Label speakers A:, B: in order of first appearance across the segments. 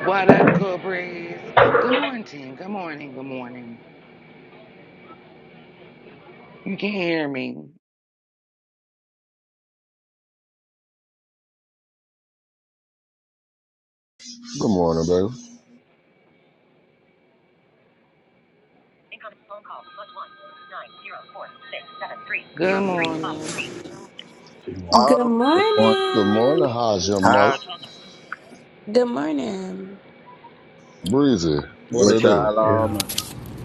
A: What up, Cobras? Good morning. Good morning. Good morning. You can hear me.
B: Good morning, baby.
A: Good morning.
C: She won't.
D: Good
E: Autumn, good morning.
B: Good morning.
D: morning.
B: How's your
E: Hi.
B: mouth?
D: Good morning.
B: Breezy. What
E: What
B: it do?
E: y'all
C: Yeah.
E: on?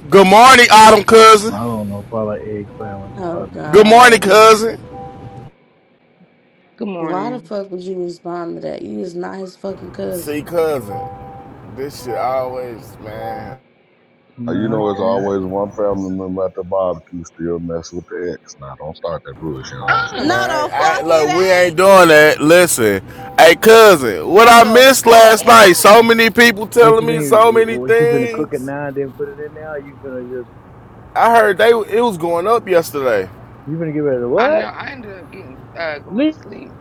F: Good morning, Autumn cousin.
C: I don't know if I like egg sandwich or
D: Oh
C: something.
F: Good morning,
D: God.
F: cousin.
A: Good
D: Why the
A: morning.
D: fuck would you respond to that? You is not his fucking
F: See,
D: cousin.
F: cousin, this shit always, man,
B: Uh, You
C: man,
B: know, it's
C: I, I,
B: always one family member at the barbecue still mess with the ex. Now, don't start that bullshit, Hajima.
A: Ah,
D: No
F: man.
D: the
F: I, I-
D: fuck
F: look, we ain't
D: it ain't.
F: doing that. Listen, hey, cousin, what
D: No
F: I
D: the
F: missed
D: fuck
F: last
D: it
F: night? So
D: ain't.
F: many people
C: what
F: telling
C: you
F: me
C: mean
F: so many
C: what you finna cook it
F: things.
C: now and then put it in there or you finna just
F: I heard they it was going up yesterday.
C: you finna get rid of
A: I know.
C: what?
A: I ended up getting uh going
C: Leave.
A: to sleep.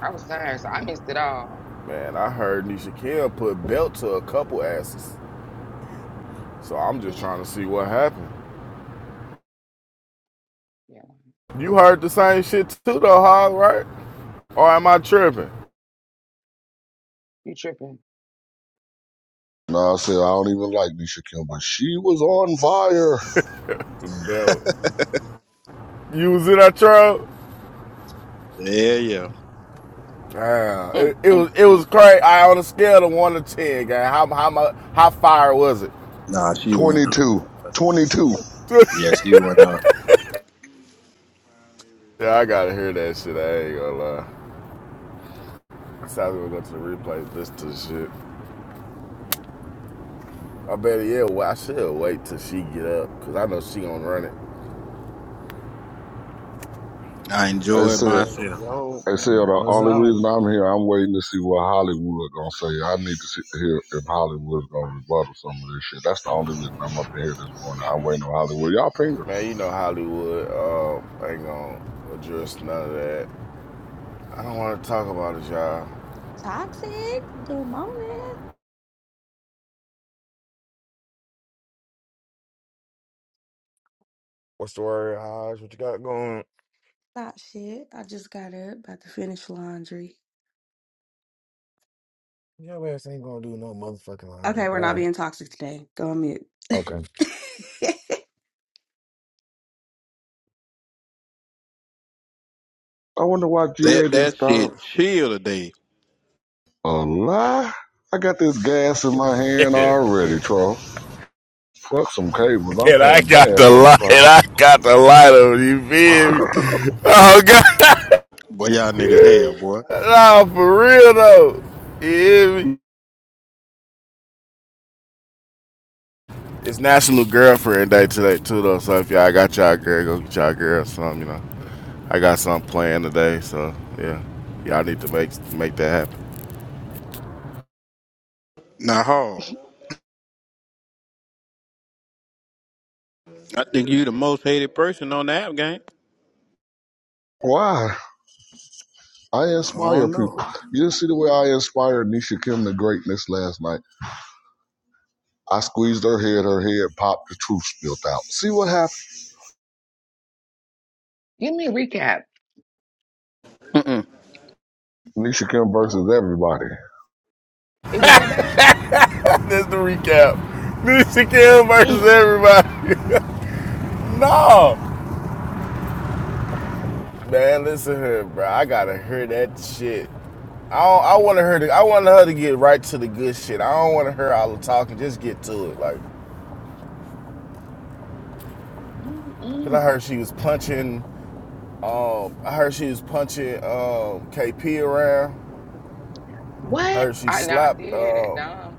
A: I was tired, so I missed it all.
F: Man, I heard Nisha Kim put belt to a couple asses. So I'm just
A: Yeah,
F: trying to see what happened.
A: yeah.
F: You heard the same shit too, though, Hog, right? Or am I tripping?
A: You tripping?
B: No, I said, I don't even like Nisha Kim, but she was on fire.
F: Belt. You was in that truck.
E: Yeah, yeah.
F: Yeah,
A: Mm,
F: it, it
A: mm,
F: was it was
A: mm.
F: crazy. I on a scale of one to ten, guy. How how mu- how fire was it?
E: Nah, she went up.
B: 22. 22.
E: Yeah, she went up.
F: Yeah, I gotta hear that shit. I ain't gonna lie. Sounds like we go to the replay. This to shit. I better yeah. Well, I should wait till she get up because I know she gonna run it.
E: I
B: I
E: enjoyed
B: said,
G: Yo,
E: myself.
G: yo,
B: I said, the
G: what's
B: only
G: up?
B: reason I'm here, I'm waiting to see what Hollywood gonna say. I need to see, hear if Hollywood's gonna rebuttal some of this shit. That's the only reason I'm up in here this morning. I'm waiting on Hollywood. Y'all finger.
F: Man, you know Hollywood uh, I ain't gonna address none of that. I don't want to talk about it, y'all.
D: Toxic. Good morning.
H: What's the word, Hodge? What you got going?
D: Not shit. I just got up, about to finish laundry.
H: Your ass ain't gonna do no motherfucking laundry,
D: Okay,
H: but
D: we're
H: all
D: not
H: right.
D: being toxic today. Go on mute.
H: Okay.
B: I wonder why GA
E: Let
B: didn't
E: that
B: start
E: shit chill today.
B: A lie? I got this gas in my hand already, Troll. Fuck some cables. I'm
F: and I
B: pouring
F: got
B: gas
F: the
B: on
F: light.
B: the
F: I got the light on you, feel
B: fire.
F: Oh God.
E: Boy, y'all niggas hell, boy.
F: Nah, for real though. You hear me? It's National Girlfriend Day today too though. So if y'all got y'all girl, go get y'all girl some, you know. I got something planned today, so yeah. Y'all need to make make that happen.
E: Not hard. I think you the most hated person on the app game.
B: Why? I
E: I
B: inspire
E: don't
B: people.
E: know.
B: You didn't see the way I inspired Nisha Kim to greatness last night. I squeezed her head, her head popped, the truth spilled out. See what happened?
A: Give me a recap.
B: Nisha Kim
A: No,
B: versus everybody.
A: it was that bad.
F: That's the recap. Nisha Kim versus
A: Damn.
F: everybody. no. Man, listen here, bro. I gotta hear that shit. I don't, I want her to I want her to get right to the good shit. I don't want her all the talking. Just get to it, like.
A: Mm,
F: Cause I
A: mm.
F: heard she was punching. Um, I heard she was punching um, KP around.
A: What?
F: heard she
A: I now I did
F: slapped
A: hear that
F: uh,
A: Dom.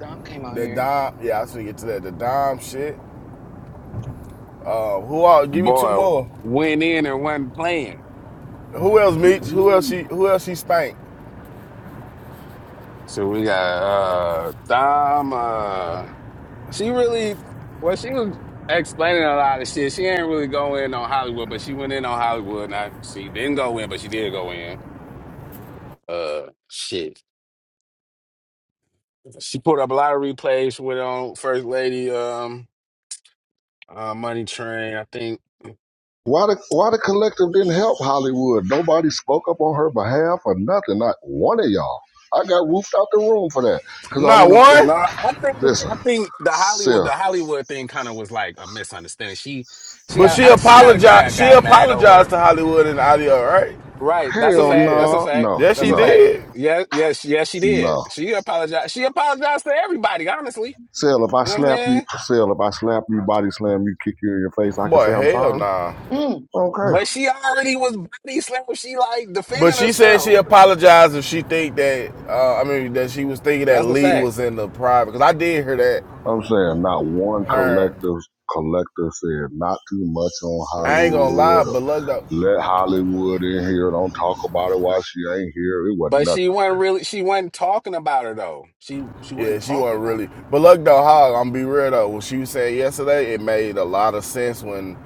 A: Dom came out
F: that
A: here.
F: dime. Yeah, I should get to that. The dime shit. Uh, who all? Give me two
I: Boy,
F: more.
I: went in and wasn't playing.
F: Who else,
A: Mm,
F: Meeks? Who else? She?
A: mm,
F: Who else? She spanked?
I: So we got uh Dom uh she really well she was explaining a lot of shit. She ain't really go in on Hollywood, but she went in on Hollywood and I she didn't go in, but she did go in. Uh shit. She put up a lot of replays with on First Lady um uh Money Train, I think.
B: Why the why the collective didn't help Hollywood? Nobody spoke up on her behalf or nothing. Not one of y'all. I got roofed out the room for that. Cause I
F: Not
B: went up to
F: one.
I: No, I think
B: listen,
I: I think the
B: sis.
I: Hollywood the Hollywood thing kind of was like a misunderstanding. She she
F: But
I: got
F: she
I: I, she got of
F: apologized.
I: got
F: She
I: got mad over.
F: apologized to Hollywood and the audio, right?
I: Right. That's a
F: Yeah,
B: Hell
I: fact.
F: yeah.
I: That's a
B: no,
I: fact.
B: no,
F: Yeah,
I: That's
F: she
I: a
B: no,
I: fact.
F: did.
I: Yes, yes, yes, she did.
B: no.
I: She apologized. She apologized to everybody, honestly.
B: Sell if I
I: You know what I'm
B: slap you,
I: saying?
B: sell if I slap you, body slam you, kick you in your face, I can
F: Boy,
B: say I'm
F: hell
B: sorry.
F: nah.
A: mm.
B: Okay.
I: But she already was body slammed. She like
F: But
I: defending
F: she said
I: herself.
F: she
I: What the fuck?
F: apologized if she think that uh, I mean that she was thinking that
I: That's a
F: Lee
I: fact.
F: was in the private because I did hear that
B: I'm saying not one
F: her
B: collective collective said not too much on
F: I ain't gonna lie,
B: Hollywood or
F: but look though.
B: let Hollywood in here, don't talk about it while she ain't here. It wasn't
I: But
B: nothing
I: she wasn't
B: said.
I: really she wasn't talking about her though. She she
F: Yeah,
I: wasn't
F: she
I: talking
F: wasn't
I: about
F: really.
I: her.
F: But look though, hog. I'm gonna be real though. What she was saying yesterday, it made a lot of sense when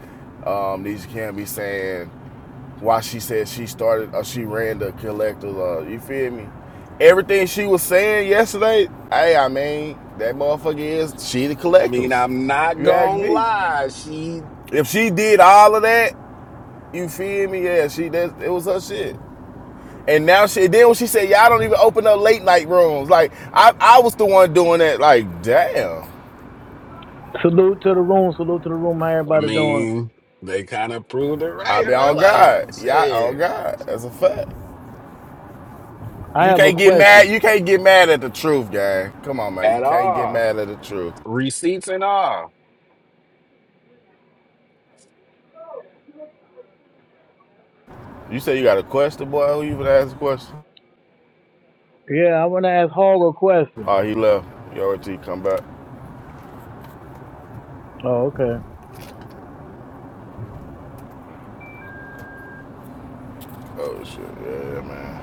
F: um, Nisha Cam be saying why she said she started or she ran the collectors. Uh, you feel me? Everything she was saying yesterday, hey, I mean that motherfucker is she the
I: I mean,
F: collectors.
I: I'm not
F: You ask
I: gonna
F: me?
I: lie. She
F: If she did all of that, you feel me? Yeah, she that it was her shit. And now she then when she said, "Y'all don't even open up late night rooms." Like I, I was the one doing that. Like damn,
C: Salute to the room, salute to the room, how
I: I
C: everybody doing?
I: mean, they kind of proved it
F: I
I: right,
F: be
I: huh?
F: on
I: Like,
F: God. Yeah, on
I: shit.
F: God. That's a fact.
C: I
F: You
C: have a
F: can't get mad.
C: question.
F: You can't get mad at the truth, gang. Come on, man. You
I: At
F: can't get
I: all.
F: mad at the truth.
I: Receipts and all.
F: You say you got a question, boy. Who you even ask a question?
C: Yeah, I wanna ask Hog a question.
F: Oh, he left. You already come back.
C: Oh, okay.
F: Oh shit. Yeah, man.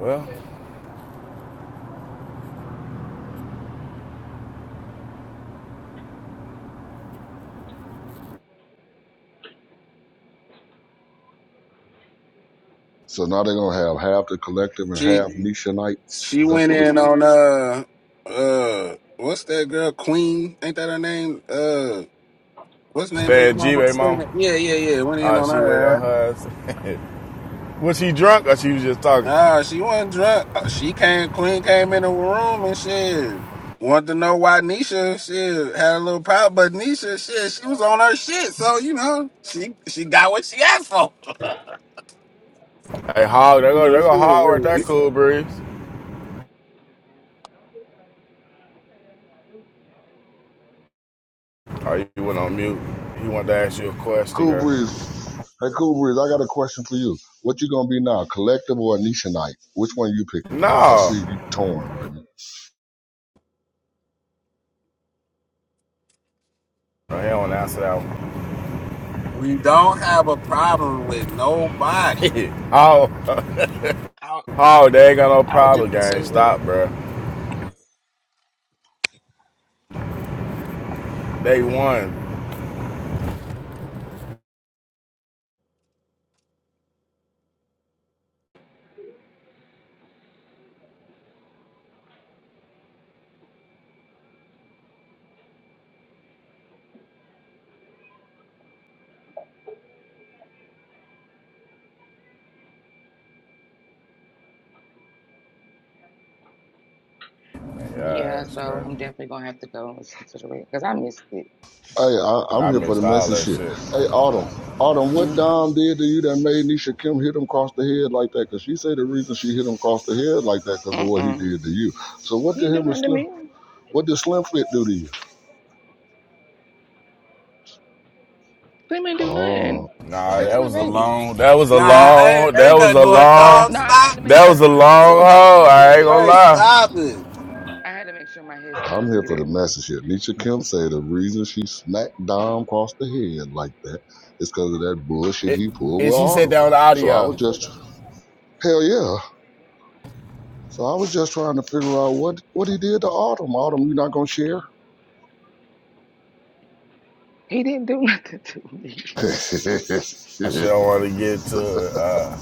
F: Well,
B: So now they're gonna have half the collective and
I: She
B: half Nishanites.
I: She
B: That's
I: went
B: what
I: in on
B: it's.
I: uh uh what's that girl Queen? Ain't that her name? Uh, what's her name?
F: stay
I: Baby
F: G,
I: Mama.
F: baby
I: Stan?
F: mama.
I: Yeah, yeah, yeah. Went in
F: Uh,
I: on
F: she went
I: her.
F: on
I: ass.
F: her. ass. was she drunk or she was just talking?
I: Nah, she wasn't drunk. Uh, She came. Queen came in the room and shit. Wanted to know why Nisha shit had a little problem, but Nisha shit, she was on her shit, so you know she she got what she asked for.
F: Hey, Hog, there
I: You
F: go, there
I: know,
F: go
I: shit,
F: Hog right there,
I: wait.
F: Cool Breeze. Oh, he went on mute. He wanted to ask you a question,
B: Cool
F: girl.
B: Breeze. Hey, Cool Breeze, I got a question for you. What you gonna be now, collective or Anishinaabe? Which one you picking? Cause I see
F: No.
B: you torn right now.
F: No, he don't want to answer that
I: We don't have a problem with nobody.
F: one. Hog,
G: I,
F: Hog, they ain't got no
G: I was just
F: problem,
G: gonna
F: gang.
G: say, bro,
F: Stop, bro. They won. Yeah,
A: Yeah,
F: that's
A: so
F: crazy.
A: I'm definitely gonna have to go and listen to the recap because I missed it.
B: Hey, I, I'm
F: I
B: here for the
F: missed all
B: messy
F: that
B: shit.
F: shit.
B: Hey, Autumn, Autumn, what
A: Mm,
B: Dom did to you that made Nisha Kim hit him across the head like that? Cause she say the reason she hit him across the head like that cause of what he
A: Mm-mm.
B: did to you. So what
A: He
B: did
A: didn't do
B: him and
A: nothing to
B: Slim?
A: me.
B: What did Slim Fit do to you?
A: Slim didn't do
B: Oh,
A: nothing.
F: Nah,
A: That's
F: that
A: my
F: was
B: oh,
F: a
A: baby.
F: long, that was a
I: Nah, ain't,
F: long, that
I: ain't
F: was
I: nothing
F: a
I: going on.
F: long,
A: No, I had
I: Stop.
A: to make
F: that was
A: sure
F: a
A: my
F: long,
A: headset was
F: oh, I ain't gonna
A: muted.
I: Right,
F: lie.
I: stop it.
A: I had to make sure my headset
B: I'm
A: was
B: here for the
A: muted.
B: message here. Nisha Kemp say the reason she smacked Dom across the head like that is because of that bullshit
F: It,
B: he pulled
F: and
B: with
F: she said
B: Autumn.
F: that on the
B: So I
F: audio.
B: was just hell yeah. So I was just trying to figure out what what he did to Autumn. Autumn, you not gonna share?
A: He didn't do nothing to me.
F: I sure don't want to get to it. Uh,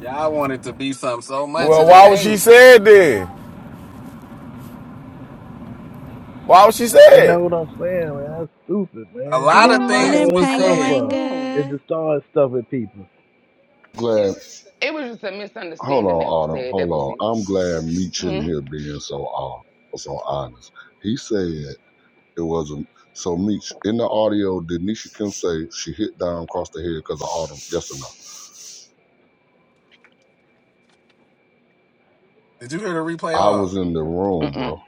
I: Y'all want it to be something so much
F: well,
I: and it
F: why would she
I: ain't.
F: say it then? Why was she
C: You know
F: said?
C: what I'm saying, man? That's stupid,
I: A
C: man.
A: I
I: lot
A: don't
D: Good
I: of
C: That's
A: know.
C: all
I: things
D: morning,
C: they
I: was
A: I
C: come
A: wasn't in
I: said.
A: the
C: for.
A: room.
C: Is
D: Pangawanga.
C: to start stuff with people.
B: glad.
A: It was just a
B: Hold on,
A: misunderstanding that was
B: Autumn.
A: said.
B: Hold
A: That was it.
B: on. I'm glad Meech in
A: Mm,
B: here being so uh, so honest. He said it wasn't. So Meech in the audio, did Nisha Kim say she hit Dom across the head because of Autumn? Yes or no?
I: Did you hear the replay
B: I was
I: off?
B: in the room, bro.
A: Mm-mm.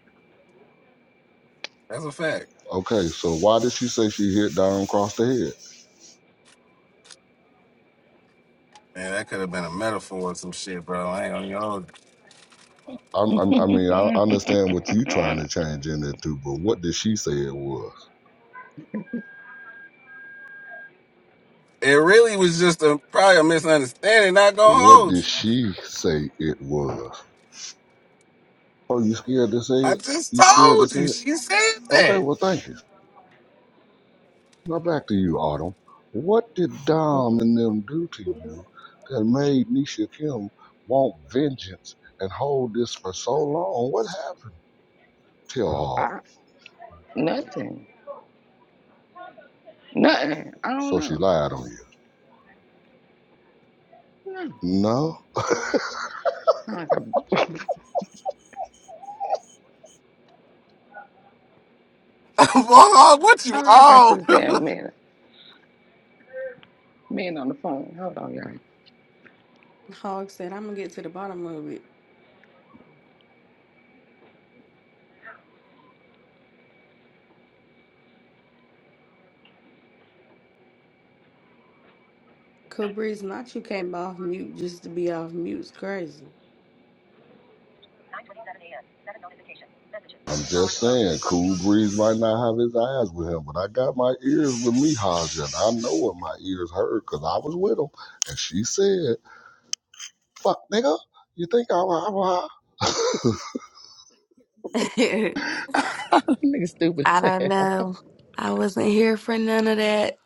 I: That's a fact.
B: Okay, so why did she say she hit Don across the head?
I: Man, that could have been a metaphor or some shit, bro. I ain't gonna hold you.
B: I'm, I'm, I mean, I understand what you trying
A: Mm-mm.
B: to change in it too, but what did she say it was?
I: It really was just a probably a misunderstanding, not gonna
B: What
I: hold
B: did
I: you.
B: she say it was? Oh, you scared to say
I: I
B: it?
I: just
B: You scared to
I: told
B: say
I: you.
B: it?
I: She said
B: Okay,
I: that.
B: well, thank you. Now back to you, Autumn. What did Dom and them do to you that made Nisha Kim want vengeance and hold this for so long? What happened? Tell
A: I,
B: all.
A: nothing. Nothing. I don't
B: So she
A: know.
B: lied on you.
A: No.
B: No.
A: I got,
I: I'm on what you
A: I got
I: on.
A: this
I: Hell
A: damn man man on the phone. Hold on, y'all.
D: Hog said, I'm gonna get to the bottom of it. Cabriz, not you came off mute just to be off mute. It's crazy.
B: I'm just saying, Cool Breeze might not have his eyes with him, but I got my ears with me, Haja, and I know what my ears heard because I was with him. And she said, fuck, nigga, you think I'm a
D: I
G: nigga stupid as hell.
D: don't know. I wasn't here for none of that.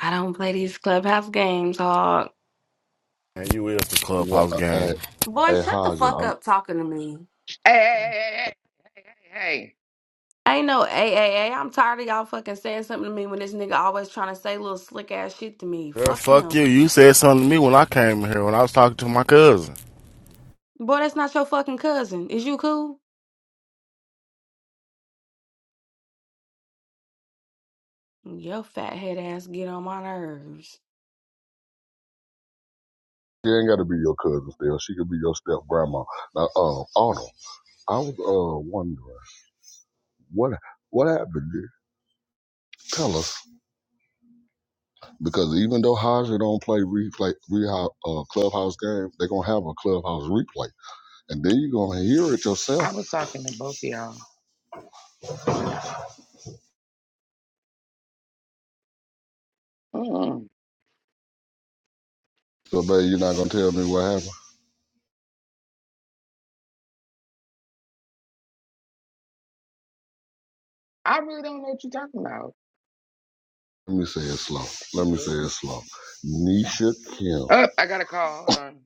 D: I don't play these clubhouse games, Hog.
F: Man, you is the
B: Well,
F: clubhouse
B: uh, uh,
F: gang.
D: Boy,
B: hey,
D: shut the
B: Haja,
D: fuck
B: I'm,
D: up talking to me.
A: Hey, hey, hey, hey, hey, hey, hey. hey, hey.
D: Ain't no a a am tired of y'all fucking saying something to me when this nigga always trying to say little slick ass shit to me.
F: Girl,
D: Fuck
F: fuck you.
D: him.
F: You said something to me when I came here when I was talking to my cousin.
D: Boy, that's not your fucking cousin. Is you cool? Your fat head ass get on my nerves.
B: she ain't got to be your cousin still. She could be your step grandma. Now, uh, Arnold, I was uh, wondering, what what happened there? Tell us. Because even though Haja don't play replay, re, uh, clubhouse game, they are going to have a clubhouse replay. And then you're gonna hear it
A: I
B: yourself.
A: was talking to both of y'all. Stop it. Mm.
B: So baby, you're not gonna tell me what happened.
A: I really don't know what you're talking about.
B: Let me say it slow. Let me
A: What
B: say
A: is
B: it
A: it?
B: slow. Nisha Kim.
A: Oh, I got a call. Hold on.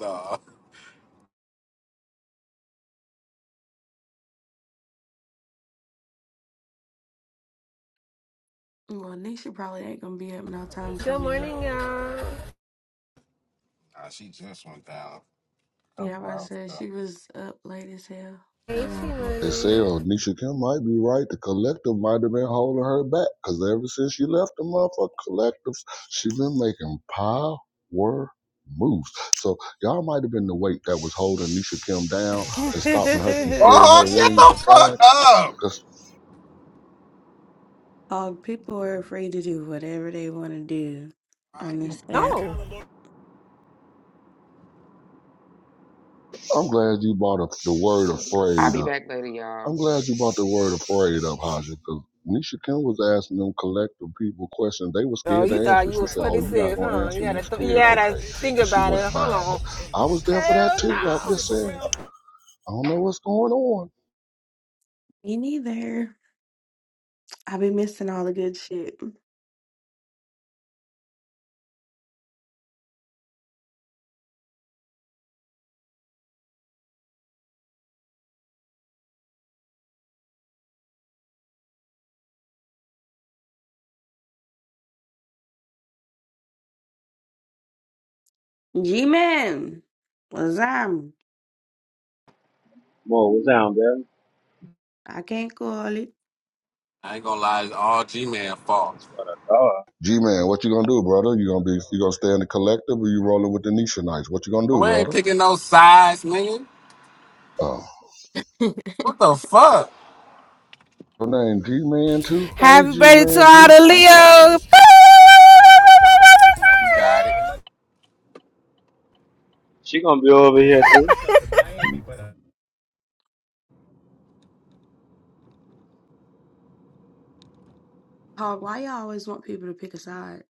I: no. Nah,
D: Well, Nisha probably ain't gonna be up no time
J: Good
D: soon.
J: morning, y'all.
I: she just went down.
D: Yeah, I said she was up late as hell.
J: Hey, she
I: Mm-hmm.
B: They say
J: money.
B: oh Nisha Kim might be right. The collective might have been holding her back. Cause ever since she left the motherfucker collectives, she been making power moves. So y'all might have been the weight that was holding Nisha Kim down and stopping her from spreading
I: Oh,
B: her
I: shut
B: wings and
I: the fuck
B: flying. Cause
D: Oh, people are free to do whatever they want to do on
I: up.
D: this app.
J: Oh.
B: I'm glad you bought up the word
A: I'll
B: afraid uh,
A: be back later,
B: I'm
A: y'all.
B: glad you brought the word afraid up, Haja, because Nisha Kim was asking them collective people questions. They were
J: Oh,
B: scared
J: you
B: to
J: thought
B: answer.
J: you were
B: She said, Oh, you're not
J: 26,
B: going to
J: huh? You
B: answer. You
J: gotta, th- you
B: scared?
J: gotta
B: Okay.
J: think
B: And she
J: about it.
B: went
J: Hold
B: by.
J: on.
B: But I was there for that
J: Hell
B: too. I'm
J: no.
B: just saying, I don't know what's going on.
D: Me neither. I be missing all the good shit. G-Man. Lazam.
K: Mo, what's down, baby?
D: I can't call it.
I: I ain't gonna lie, it's all G Man fault.
K: Oh,
B: G Man, what you gonna do, brother? You gonna be you gonna stay in the collective or you rolling with the Nisha Knights? What you gonna
I: But
B: do,
I: we ain't
B: brother?
I: picking no sides, nigga.
B: Oh.
I: What the fuck?
B: Her name G Man too? Hey
J: Happy
B: G
J: birthday to
B: Man
J: all
B: too.
J: the Leos.
I: You got it.
K: she gonna be over here too.
D: Hog, why y'all always want people to pick a side?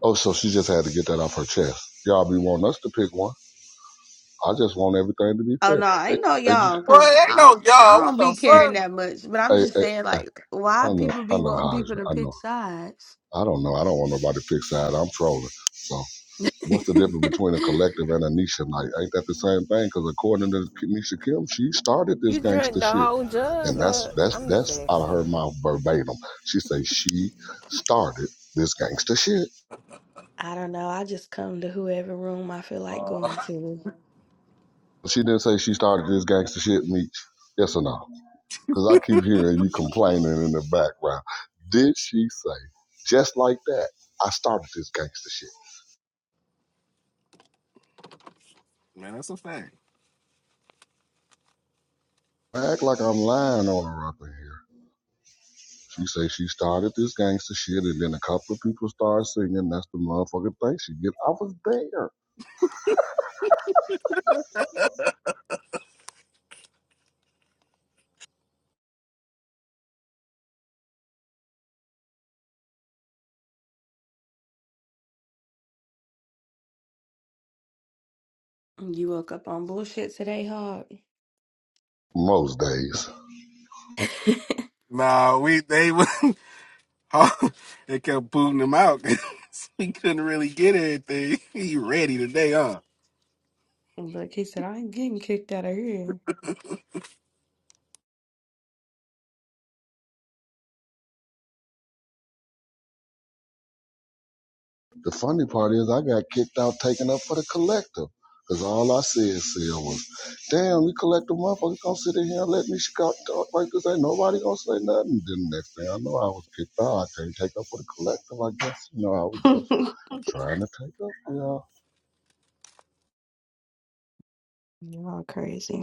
B: Oh, so she just had to get that off her chest. Y'all be wanting us to pick one. I just want everything to be
D: Oh
B: fair.
D: no, I
B: Hey,
D: ain't no
B: hey,
D: y'all, cause
I: Well, ain't
D: I
I: no
D: I
I: y'all. What
D: don't
I: the
D: be
B: G-
D: caring
I: fuck?
D: that much. But I'm
B: Hey,
D: just
B: hey,
D: saying,
B: hey,
D: like, why
B: I know,
D: people
B: I
D: be
B: know,
D: wanting
B: Hodge.
D: people to
B: I
D: pick
B: know.
D: sides?
B: I don't know. I don't want nobody to pick side. I'm trolling. So, what's the difference between a collective and a Nisha night? Ain't that the same thing? Because according to Nisha Kim, she started this
J: You drank
B: gangster
J: the
B: shit,
J: whole jug,
B: and that's
J: or
B: that's
J: I'm just
B: that's out of
J: asking.
B: her mouth verbatim. She say she started this gangster shit.
D: I don't know. I just come to whoever room I feel like
I: Uh,
D: going to.
B: She didn't say she started this gangster shit, Meech. Yes or no? Because I keep hearing you complaining in the background. Did she say just like that? I started this gangster shit?
I: Man, that's a fact.
B: I act like I'm lying on her up in here. She say she started this gangster shit, and then a couple of people start singing. That's the motherfucking thing she did. I was there
D: you woke up on bullshit today, Hog.
B: most days.
I: nah, we they would. they kept booting him out. he couldn't really get anything. He ready today, huh?
D: Look, he said, I ain't getting kicked out of here.
B: The funny part is I got kicked out, taken up for the collector. Cause all I said, Sil, was, damn, you collector motherfuckers gonna sit in here and let me sh- talk like this. Ain't nobody gonna say nothing. Then the next thing I know, I was kicked out. I can't take up for the collector. I guess, you know, I was just
D: You're
B: trying to take up Yeah, y'all.
D: all crazy.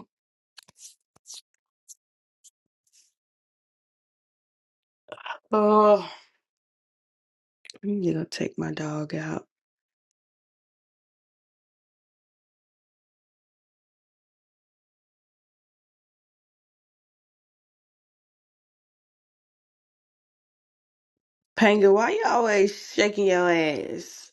D: oh, you gonna take my dog out. Panga, why you always shaking your ass?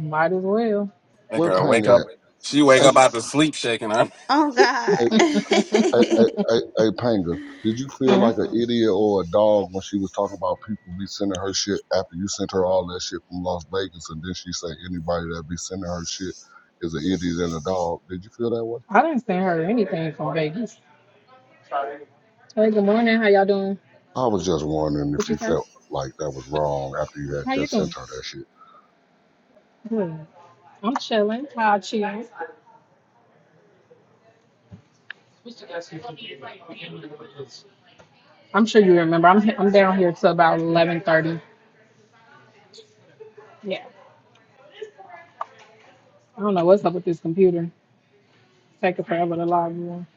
L: Might as well.
I: That
B: Where
I: girl
L: Shit.
B: Pang
I: wake up.
B: at?
I: She wake
B: Hey,
I: up out the sleep shaking. Huh?
D: Oh
B: hey,
D: God.
B: Hey, hey, hey, hey, Panga, did you feel
L: Yeah.
B: like an idiot or a dog when she was talking about people be sending her shit after you sent her all that shit from Las Vegas and then she said anybody that be sending her shit is an idiot and a dog? Did you feel that way?
L: I didn't send her anything from Vegas. Hey, good morning. How y'all doing?
B: I was just wondering
L: What
B: if
L: you
B: you
L: say?
B: felt like that was wrong after you had
L: How you
B: just sent
L: doing?
B: her that shit.
L: Good. I'm chilling. How I chill. I'm sure you remember. I'm he- I'm down here till about eleven thirty. Yeah. I don't know what's up with this computer. It's taking forever to log in.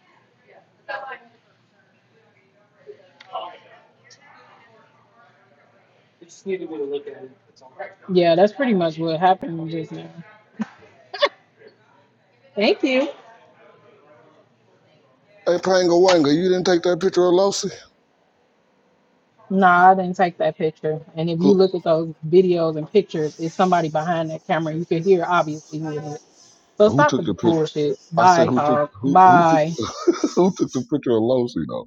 L: Yeah, that's pretty much what happened just now. Thank you.
B: Hey, Panga Wanga, you didn't take that picture of Losi?
L: No, I didn't take that picture. And if you
B: Who
L: look at those videos and pictures, it's somebody behind that camera. You can hear obviously who it is. So
B: who
L: stop the
B: took the picture?
L: bullshit.
B: I said
L: Bye,
B: who took
L: Hog.
B: who who took
L: Bye.
B: who took the picture of Losi though?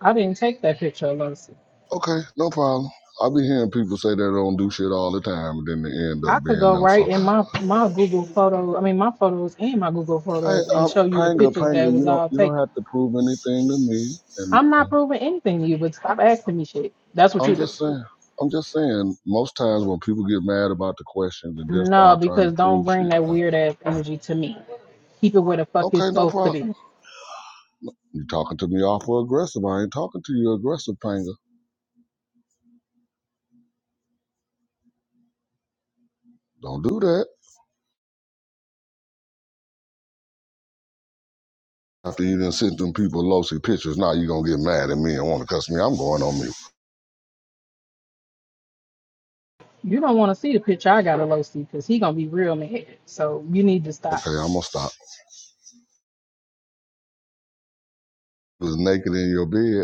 L: I didn't take that picture of Lucy.
B: Okay, no problem. I be hearing people say they don't do shit all the time, and then they end up
L: I could
B: being
L: go
B: them.
L: right
B: So,
L: in my my Google photos. I mean, my photos and my Google
B: hey,
L: photos, and
B: uh,
L: show you the
B: Panga,
L: pictures
B: Panga,
L: that
B: you
L: was
B: don't
L: all
B: you don't
L: taken.
B: have to prove anything to me. And
L: I'm not
B: and
L: proving anything to you, but stop asking me shit. That's what
B: I'm
L: you do.
B: just saying, I'm just saying. Most times when people get mad about the questions and then
L: No,
B: start trying
L: because
B: to
L: don't
B: prove
L: bring
B: shit,
L: that
B: uh,
L: weird ass energy to me. Keep it where the fuck it's
B: okay, no
L: supposed to
B: problem.
L: be.
B: You talking to me awful aggressive. I ain't talking to you aggressive, Panga. Don't do that. After you done sent them people lousy pictures, now you gonna get mad at me and want to cuss me. I'm going on mute.
L: You don't want to see the picture I got of Lucy because he gonna be real mad. So you need to stop.
B: Okay, I'm gonna stop. Was naked in your bed.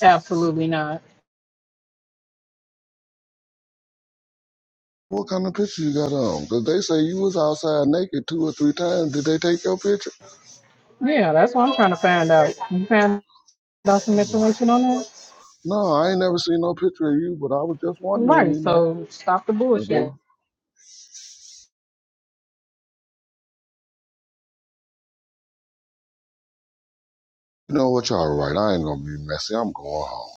L: Absolutely not.
B: What kind of picture you got on? Because they say you was outside naked two or three times. Did they take your picture?
L: Yeah, that's what I'm trying to find out. You found about some information on that?
B: No, I ain't never seen no picture of you, but I was just wondering,
L: Right,
B: you know.
L: so stop the
B: if they-
L: bullshit.
B: You know what, y'all right. I ain't going to be messy. I'm going home.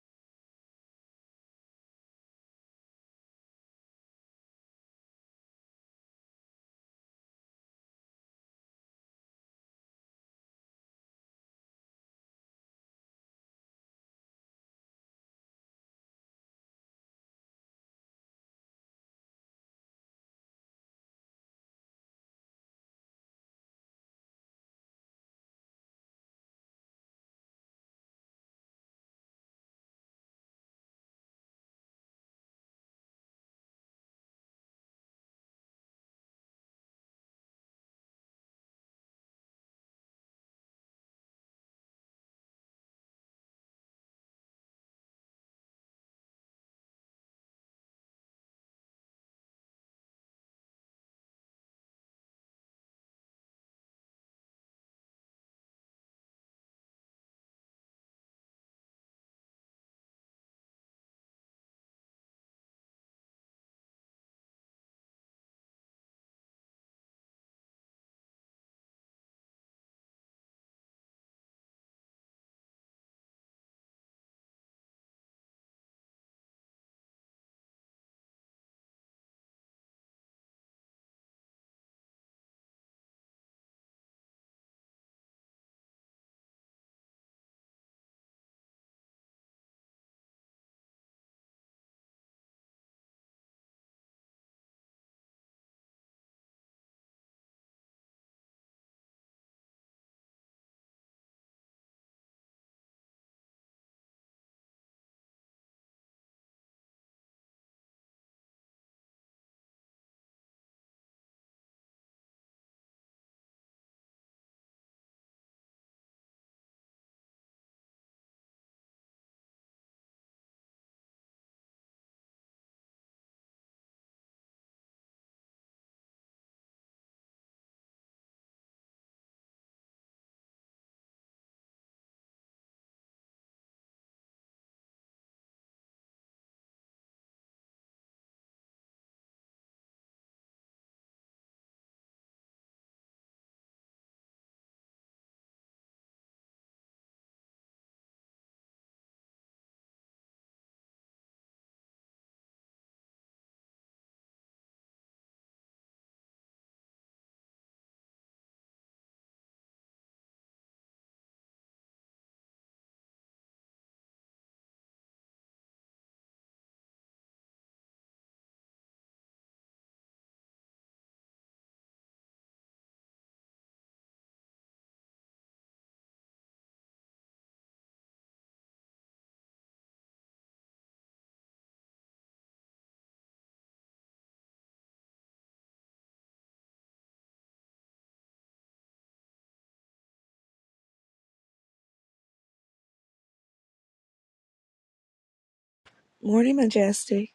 M: Morning, Majestic.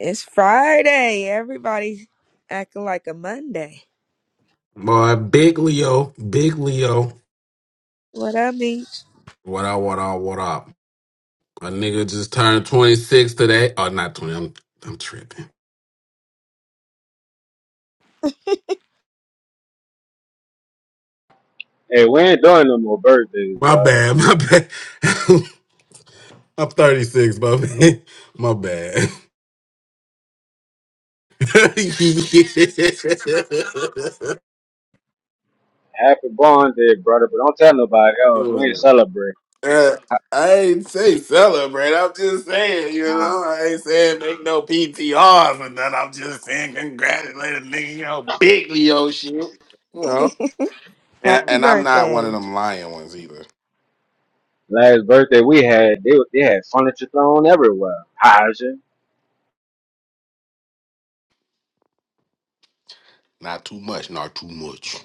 M: It's Friday. Everybody's acting like a Monday.
I: Boy, big Leo, big Leo.
M: What up, mean?
I: What up, what up, what up? A nigga just turned 26 today. Oh, not 20. I'm I'm tripping.
K: Hey, we ain't doing no more birthdays,
I: My
K: bro.
I: bad, my bad. I'm 36, but my bad.
K: Happy born day, brother, but don't tell nobody else. We ain't celebrate.
I: Uh, I ain't say celebrate. I'm just saying, you
K: Nah.
I: know, I ain't saying make no PTRs or nothing. I'm just saying congratulate a nigga, you know, big Leo shit. You know, and
M: Happy
I: and I'm not one of
M: birthday.
I: them lying ones either.
K: Last birthday we had, they they had furniture thrown everywhere. Haja,
I: Not too much, not too much.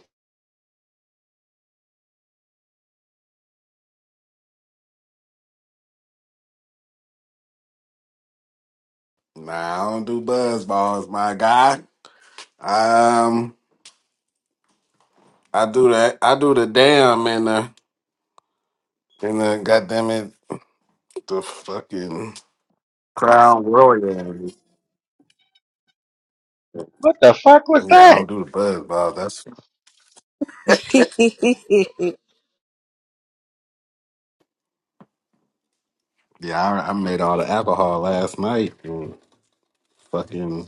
I: Nah, I don't do buzz balls, my guy. Um. I do that. I do the damn in the in the goddamn it the fucking crown royal.
K: what the fuck was
I: Yeah, I
K: that?
I: don't do the buzz ball. That's yeah. I, I made all the alcohol last night and fucking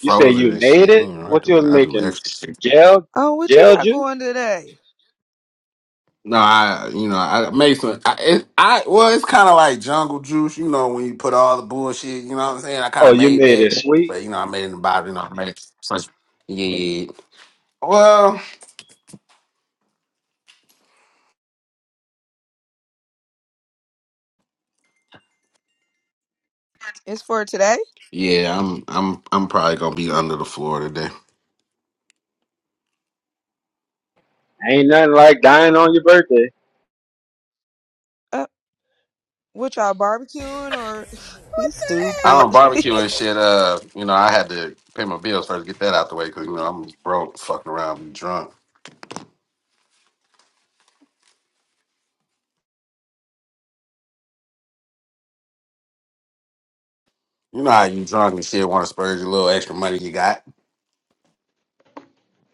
K: You said
I: it
K: you
I: and
K: made
I: shit. You
K: it?
I: know, I
K: What you
I: do
K: was
I: I do
K: making?
I: extra shit.
K: Gel,
M: oh, what you
K: gel
M: got
K: juice?
M: going today?
I: No, I you know I made some. I, it, I well, it's kind of like jungle juice. You know, when you put all the bullshit. You know what I'm saying? I kind
K: Oh,
I: of
K: you
I: made
K: made it
I: that,
K: sweet.
I: but you know, I made it in the bottle. You know, I made it. So, yeah. Well.
M: It's for today?
I: Yeah, I'm I'm I'm probably gonna be under the floor today.
K: Ain't nothing like dying on your birthday.
M: Uh, what y'all barbecuing or you
I: I
M: stupid?
I: don't barbecue and shit. Uh, you know, I had to pay my bills first, get that out the way, cause you know I'm broke, fucking around, be drunk. You know how you drunk and shit want to spurge your little extra money you got.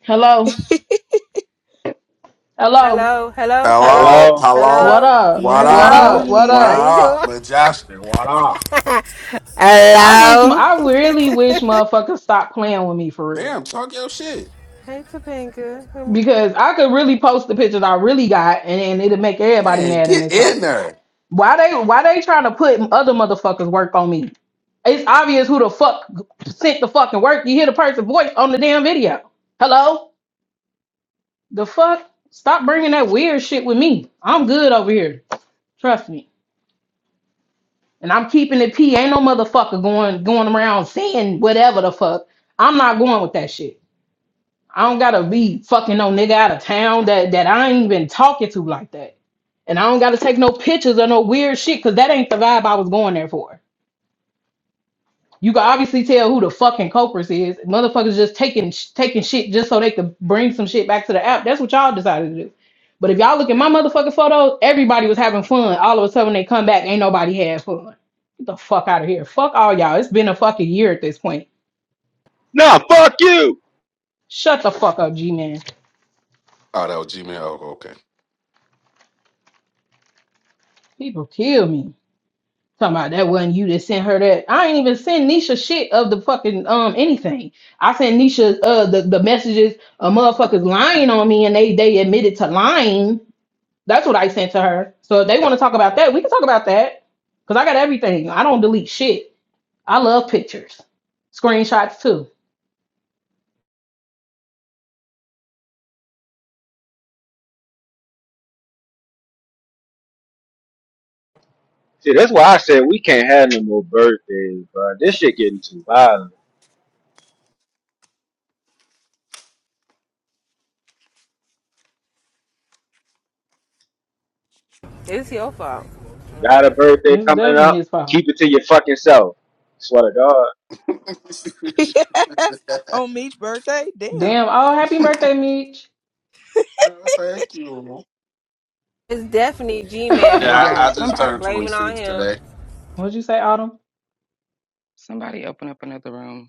L: Hello, hello.
J: Hello, hello,
L: Eh,
J: hello,
I: Hello,
K: Hello?
I: hello,
L: What
J: hello,
L: up?
I: what
L: What
M: morning,
I: up,
J: hello.
L: up? What
I: what
M: morning.
J: How
L: up?
J: you
I: up,
J: doing?
I: but Justin, what up?
L: I wish, my,
J: Hello.
L: I really wish motherfuckers stop playing with me for real.
I: Damn, talk your shit,
J: Hey, Topanga.
L: Because I could really post the pictures I really got, and, and it'll make everybody
I: man.
L: mad in
I: Get
L: this hoe.
I: in there.
L: Why they, why they trying to put other motherfuckers work on me? It's obvious who the fuck sent the fucking work. You hear the person's voice on the damn video. Hello, the fuck? Stop bringing that weird shit with me. I'm good over here. Trust me. And I'm keeping it P. Ain't no motherfucker going going around saying whatever the fuck. I'm not going with that shit. I don't gotta be fucking no nigga out of town that that I ain't even talking to like that. And I don't gotta take no pictures or no weird shit because that ain't the vibe I was going there for. You can obviously tell who the fucking culprits is. Motherfuckers just taking taking shit just so they could bring some shit back to the app. That's what y'all decided to do. But if y'all look at my motherfucking photos, everybody was having fun. All of a sudden they come back, ain't nobody had fun. Get the fuck out of here. Fuck all y'all. It's been a fucking year at this point.
K: Nah, fuck you.
L: Shut the fuck up, G man.
I: Oh, that was Gmail. Oh,
L: People kill me. Talking about that wasn't you that sent her that. I ain't even send Nisha shit of the fucking um anything. I sent Nisha uh the, the messages. of motherfuckers lying on me and they they admitted to lying. That's what I sent to her. So if they want to talk about that, we can talk about that. Cause I got everything. I don't delete shit. I love pictures, screenshots too.
K: See, that's why I said we can't have no more birthdays, bro. This shit getting too violent.
J: It's your fault.
K: You got a birthday
L: It's
K: coming
L: definitely
K: up,
L: his fault.
K: keep it to your fucking self. Swear to God.
I: okay.
M: On Meech's birthday? Damn.
L: Damn. Oh, happy birthday, Meech.
I: Oh, Thank you.
J: It's definitely G Man
A: Hey,
L: What'd
I: Yeah, I,
J: fault.
A: y'all.
I: I just
A: Somebody,
I: turned
J: Blaming on
I: 26
J: him.
I: today.
L: you say, Autumn?
A: somebody, open up another room.